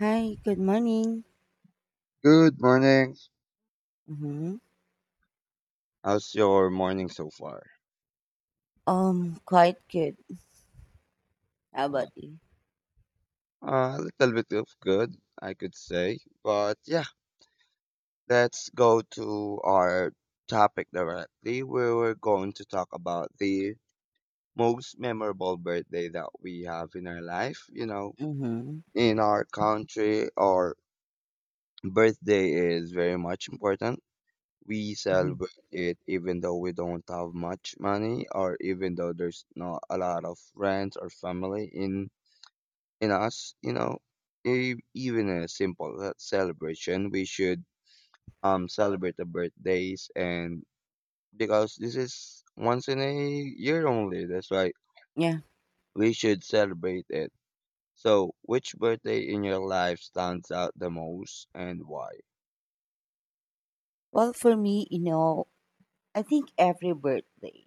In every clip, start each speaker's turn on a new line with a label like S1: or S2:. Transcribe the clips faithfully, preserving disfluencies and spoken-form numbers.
S1: Hi, good morning.
S2: Good morning.
S1: Mm-hmm.
S2: How's your morning so far?
S1: Um, quite good. How
S2: Uh,
S1: about you?
S2: a little bit of good, I could say. But yeah, let's go to our topic directly. Where We're going to talk about the most memorable birthday that we have in our life. You know,
S1: Mm-hmm.
S2: in our country, our birthday is very much important. We
S1: Hmm.
S2: celebrate it even though we don't have much money or even though there's not a lot of friends or family in in us, you know, e- even a simple uh, celebration, we should um celebrate the birthdays and because this is once in a year only, that's why
S1: Yeah.
S2: we should celebrate it. So, which birthday in your life stands out the most and why?
S1: Well, for me, you know, I think every birthday,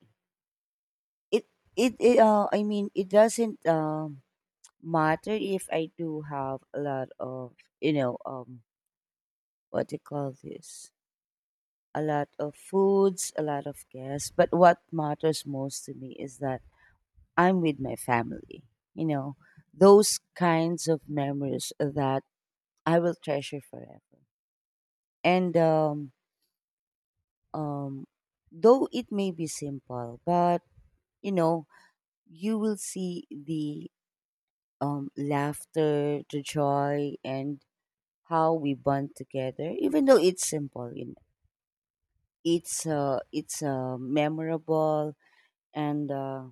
S1: it it, it uh, I mean, it doesn't um matter if I do have a lot of you know um what do you call this a lot of foods, a lot of guests, but what matters most to me is that I'm with my family. You know, those kinds of memories that I will treasure forever. And um, um, though it may be simple, but you know, you will see the um, laughter, the joy, and how we bond together. Even though it's simple, you know, it's uh, it's uh, memorable. And uh,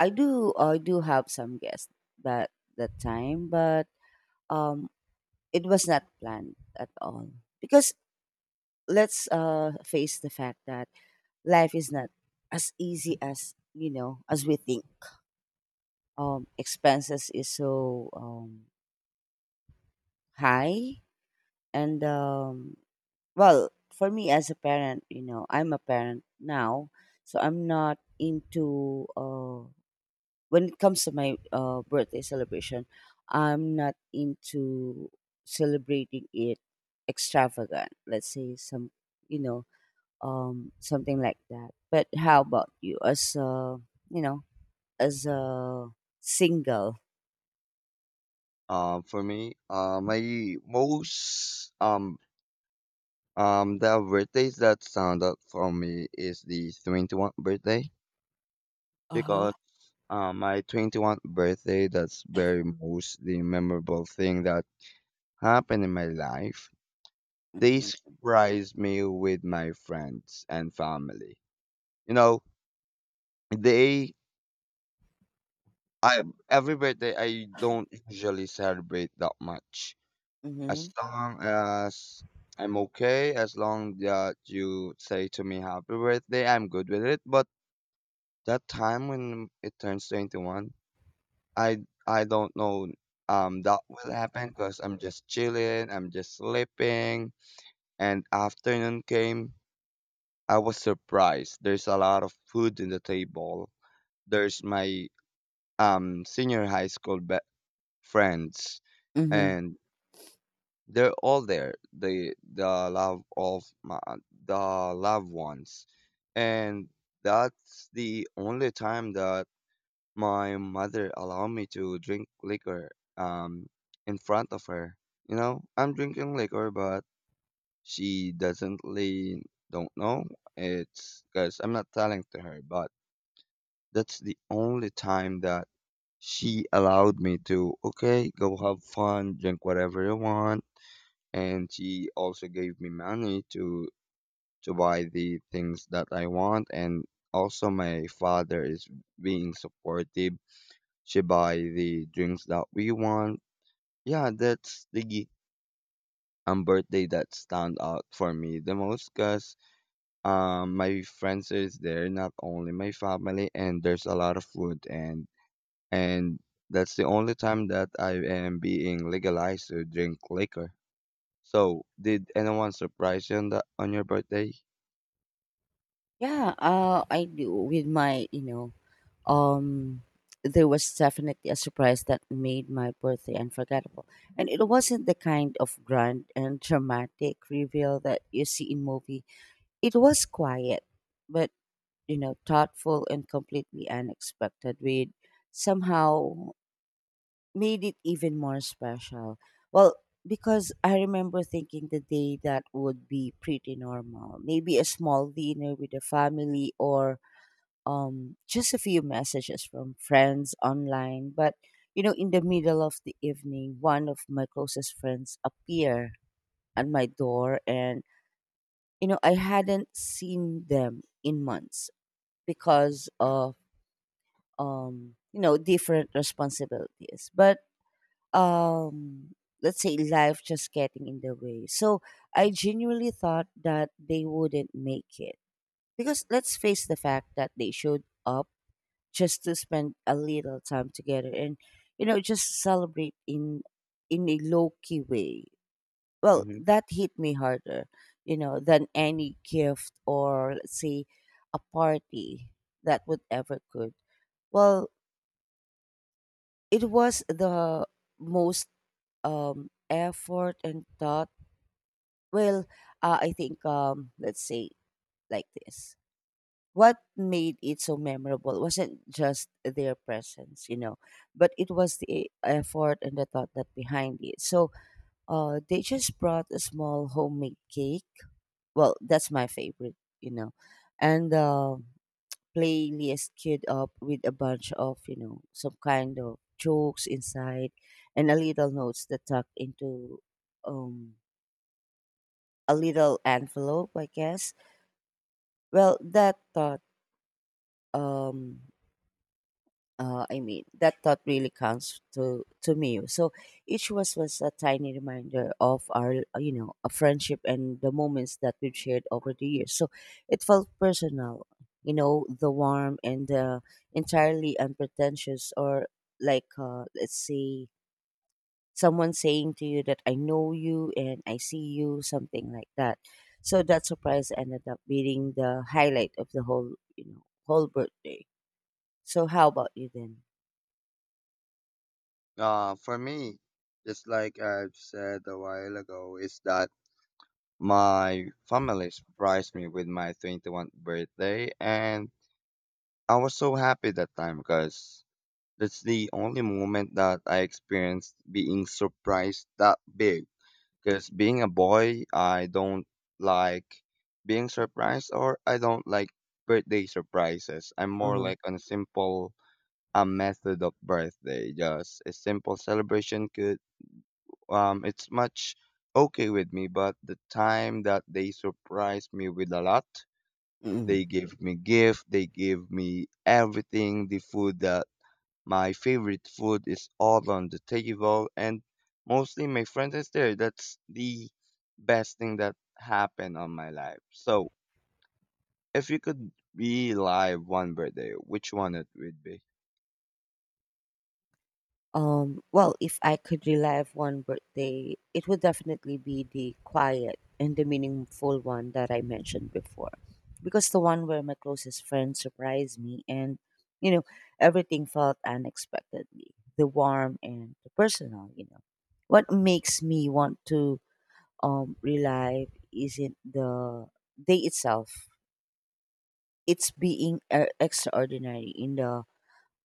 S1: I do I do have some guests that that time, but um, it was not planned at all because let's uh, face the fact that life is not as easy as you know as we think. Um, expenses is so um, high, and um, well, for me as a parent, you know, I'm a parent now, so I'm not into uh, when it comes to my uh, birthday celebration. I'm not into celebrating it extravagant. Let's say some, you know, um, something like that. But how about you? As uh, you know, As a single.
S2: Um, for me, uh, my most um um the birthdays that stand out for me is the twenty-first birthday
S1: Uh-huh.
S2: because Uh, my twenty-first birthday, that's very most the memorable thing that happened in my life. They
S1: Mhm.
S2: surprised me with my friends and family. You know, they I every birthday I don't usually celebrate that much. As
S1: Mhm.
S2: long as I'm okay, as long that you say to me happy birthday, I'm good with it. But that time when it turns twenty-one, I I don't know um that will happen because I'm just chilling, I'm just sleeping, and afternoon came. I was surprised. There's a lot of food in the table. There's my um senior high school be- friends,
S1: Mhm.
S2: and they're all there. The the love of my the loved ones, and that's the only time that my mother allowed me to drink liquor um in front of her. You know, I'm drinking liquor, but she doesn't really don't know. It's because I'm not telling to her, but that's the only time that she allowed me to, okay, go have fun, drink whatever you want. And she also gave me money to to buy the things that I want, and also my father is being supportive. She buy the drinks that we want. Yeah, that's the um birthday that stand out for me the most because um my friends is there, not only my family, and there's a lot of food and and that's the only time that I am being legalized to drink liquor. So, did anyone surprise you on that on your birthday?
S1: Yeah, uh, I do with my, you know, um there was definitely a surprise that made my birthday unforgettable. And it wasn't the kind of grand and dramatic reveal that you see in movie. It was quiet, but you know, thoughtful and completely unexpected with somehow made it even more special. Well, because I remember thinking the day that would be pretty normal. Maybe a small dinner with the family or um just a few messages from friends online, but you know, in the middle of the evening, one of my closest friends appeared at my door and you know, I hadn't seen them in months because of um you know, different responsibilities. But um let's say life just getting in the way, so I genuinely thought that they wouldn't make it because let's face the fact that they showed up just to spend a little time together and you know just celebrate in in a low-key way. Well,
S2: Mm-hmm.
S1: that hit me harder, you know, than any gift, or let's say a party that would ever could. Well, it was the most um, effort and thought? Well, uh, I think um, let's say like this. What made it so memorable wasn't just their presence, you know, but it was the effort and the thought that behind it. So uh, they just brought a small homemade cake. Well, that's my favorite, you know, and uh, playlist queued up with a bunch of, you know, some kind of jokes inside and a little notes that tucked into um a little envelope, I guess. Well, that thought, um, uh, I mean, that thought really counts to to me. So each was was a tiny reminder of our, uh, you know, a friendship and the moments that we've shared over the years. So it felt personal, you know, the warm and the entirely unpretentious, or like, uh, let's say, someone saying to you that I know you and I see you, something like that. So that surprise ended up being the highlight of the whole, you know, whole birthday. So how about you then?
S2: Uh, for me, just like I've said a while ago, is that my family surprised me with my twenty-first birthday, and I was so happy that time because that's the only moment that I experienced being surprised that big. Because being a boy, I don't like being surprised, or I don't like birthday surprises. I'm more
S1: Uh-huh.
S2: like on a simple a method of birthday, just a simple celebration could um, it's much okay with me. But the time that they surprise me with a lot, they give me gift, they give me everything, the food that my favorite food is all on the table, and mostly my friends is there. That's the best thing that happened on my life. So, if you could be live one birthday, which one it would be?
S1: Um, well, if I could relive one birthday, it would definitely be the quiet and the meaningful one that I mentioned before. Because the one where my closest friend surprised me and, you know, everything felt unexpectedly the warm and the personal, you know. What makes me want to um, relive isn't the day itself, it's being uh, extraordinary in the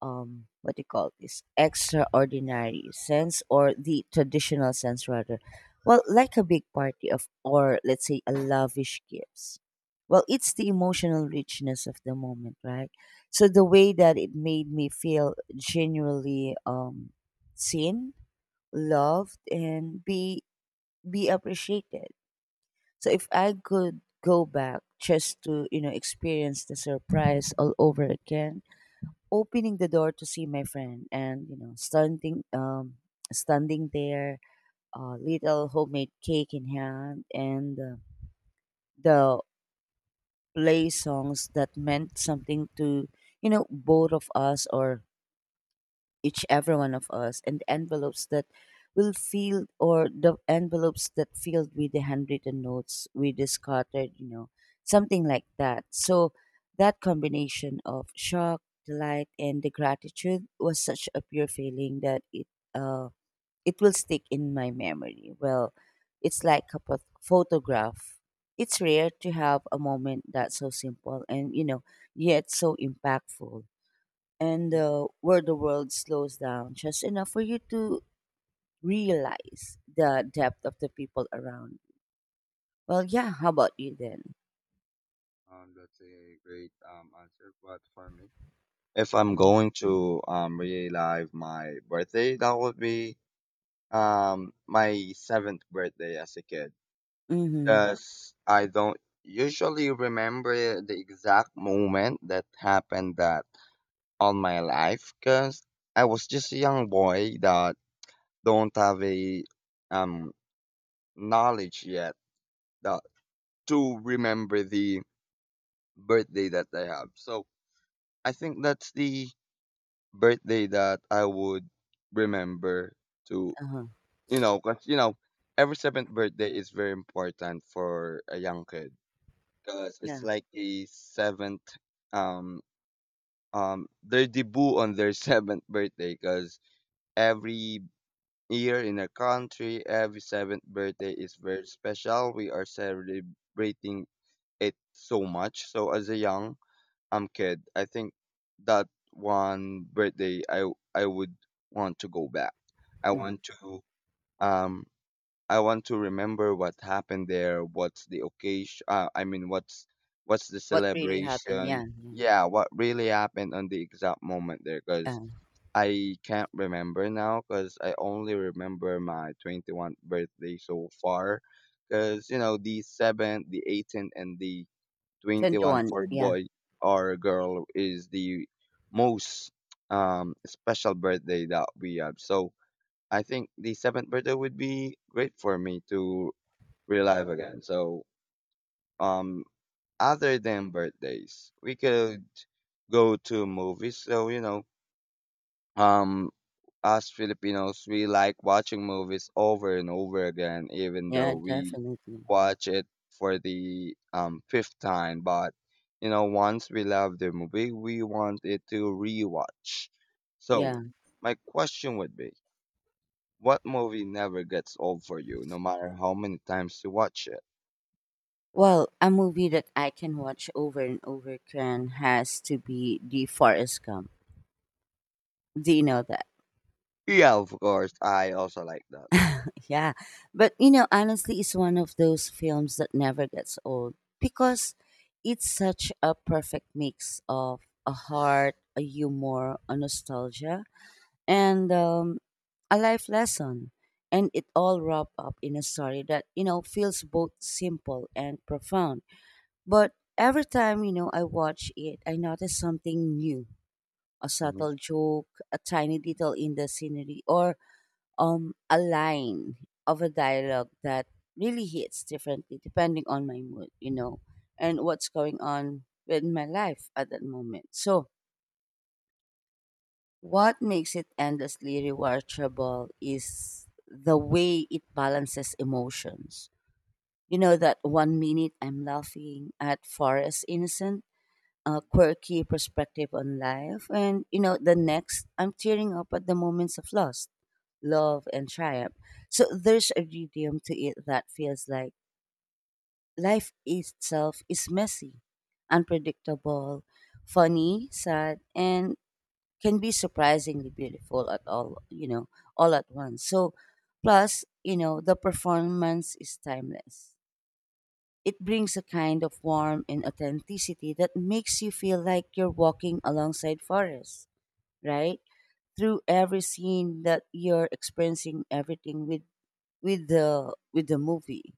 S1: um what do you call this extraordinary sense or the traditional sense rather. Well, like a big party of, or let's say, a lavish gifts. Well, it's the emotional richness of the moment, right? So the way that it made me feel genuinely um seen, loved and be be appreciated. So if I could go back just to you know experience the surprise all over again, opening the door to see my friend and you know standing um standing there, uh, little homemade cake in hand and uh, the play songs that meant something to you know both of us or each every one of us, and envelopes that will feel, or the envelopes that filled with the handwritten notes we discarded, you know, something like that. So that combination of shock, delight and the gratitude was such a pure feeling that it uh it will stick in my memory. Well, it's like a pot- photograph. It's rare to have a moment that's so simple and you know yet so impactful, and
S2: Mhm.
S1: uh, where the world slows down just enough for you to realize the depth of the people around you. Well, yeah, how about you then?
S2: Um, that's a great um answer, but for me, if I'm going to um relive my birthday, that would be um my seventh birthday as a kid,
S1: Mm-hmm.
S2: because I don't usually remember the exact moment that happened that on my life, because I was just a young boy that don't have a um knowledge yet that to remember the birthday that I have. So I think that's the birthday that I would remember to.
S1: Uh-huh.
S2: You know, because, you know, every seventh birthday is very important for a young kid because it's
S1: Yeah.
S2: like a seventh, um, um, their debut on their seventh birthday, because every year in our country, every seventh birthday is very special. We are celebrating it so much. So as a young um kid, I think that one birthday I I would want to go back. I
S1: Hmm.
S2: want to um I want to remember what happened there, what's the occasion, uh, I mean, what's what's the
S1: What really happened?
S2: celebration?
S1: Yeah.
S2: Yeah, what really happened on the exact moment there,
S1: Yeah.
S2: because
S1: Uh,
S2: I can't remember now, because I only remember my twenty-first birthday so far, because you know the seventh, the eighteenth, and the twenty-one
S1: twenty-one.
S2: for
S1: Yeah.
S2: boy or girl is the most um special birthday that we have. So I think the seventh birthday would be great for me to relive again. So, um, other than birthdays, we could go to movies. So, you know, um, us Filipinos, we like watching movies over and over again, even though
S1: Yeah,
S2: we
S1: definitely.
S2: watch it for the um fifth time. But you know, once we love the movie, we want it to rewatch.
S1: Yeah.
S2: So, my question would be, what movie never gets old for you, no matter how many times you watch it?
S1: Well, a movie that I can watch over and over again has to be The Forest Gump. Do you know that?
S2: Yeah, of course. I also like that.
S1: Yeah. But you know, honestly, it's one of those films that never gets old because it's such a perfect mix of a heart, a humor, a nostalgia, and um, a life lesson. And it all wrapped up in a story that, you know, feels both simple and profound. But every time, you know, I watch it, I notice something new, a
S2: Hmm.
S1: subtle joke, a tiny detail in the scenery, or um, a line of a dialogue that really hits differently depending on my mood, you know, and what's going on with my life at that moment. So, what makes it endlessly rewatchable is the way it balances emotions. You know, that one minute I'm laughing at Forest Innocent uh, quirky perspective on life. And, you know, the next, I'm tearing up at the moments of loss, love, and triumph. So there's a rhythm to it that feels like life itself is messy, unpredictable, funny, sad, and can be surprisingly beautiful at all, you know, all at once. So, plus, you know, the performance is timeless. It brings a kind of warmth and authenticity that makes you feel like you're walking alongside forest, right? Through every scene that you're experiencing everything with with the with the movie.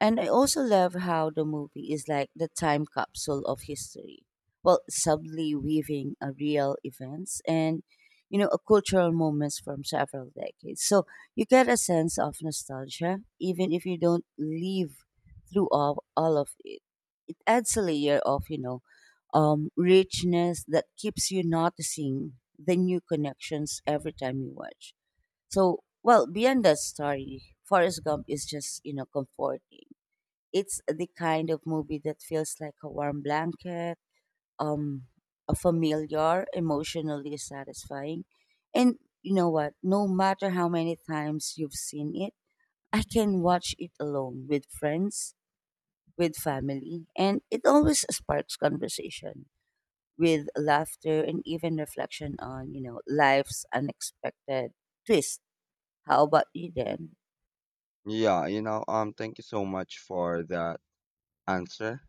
S1: And I also love how the movie is like the time capsule of history. Well, subtly weaving a real events and you know, a cultural moments from several decades. So you get a sense of nostalgia, even if you don't live through all, all of it adds a layer of you know um, richness that keeps you noticing the new connections every time you watch. So, well, beyond that story, Forrest Gump is just you know comforting. It's the kind of movie that feels like a warm blanket, um, a familiar, emotionally satisfying, and you know what? No matter how many times you've seen it, I can watch it alone with friends, with family, and it always sparks conversation with laughter and even reflection on, you know, life's unexpected twist. How about you, then?
S2: Yeah, you know, um, thank you so much for that answer.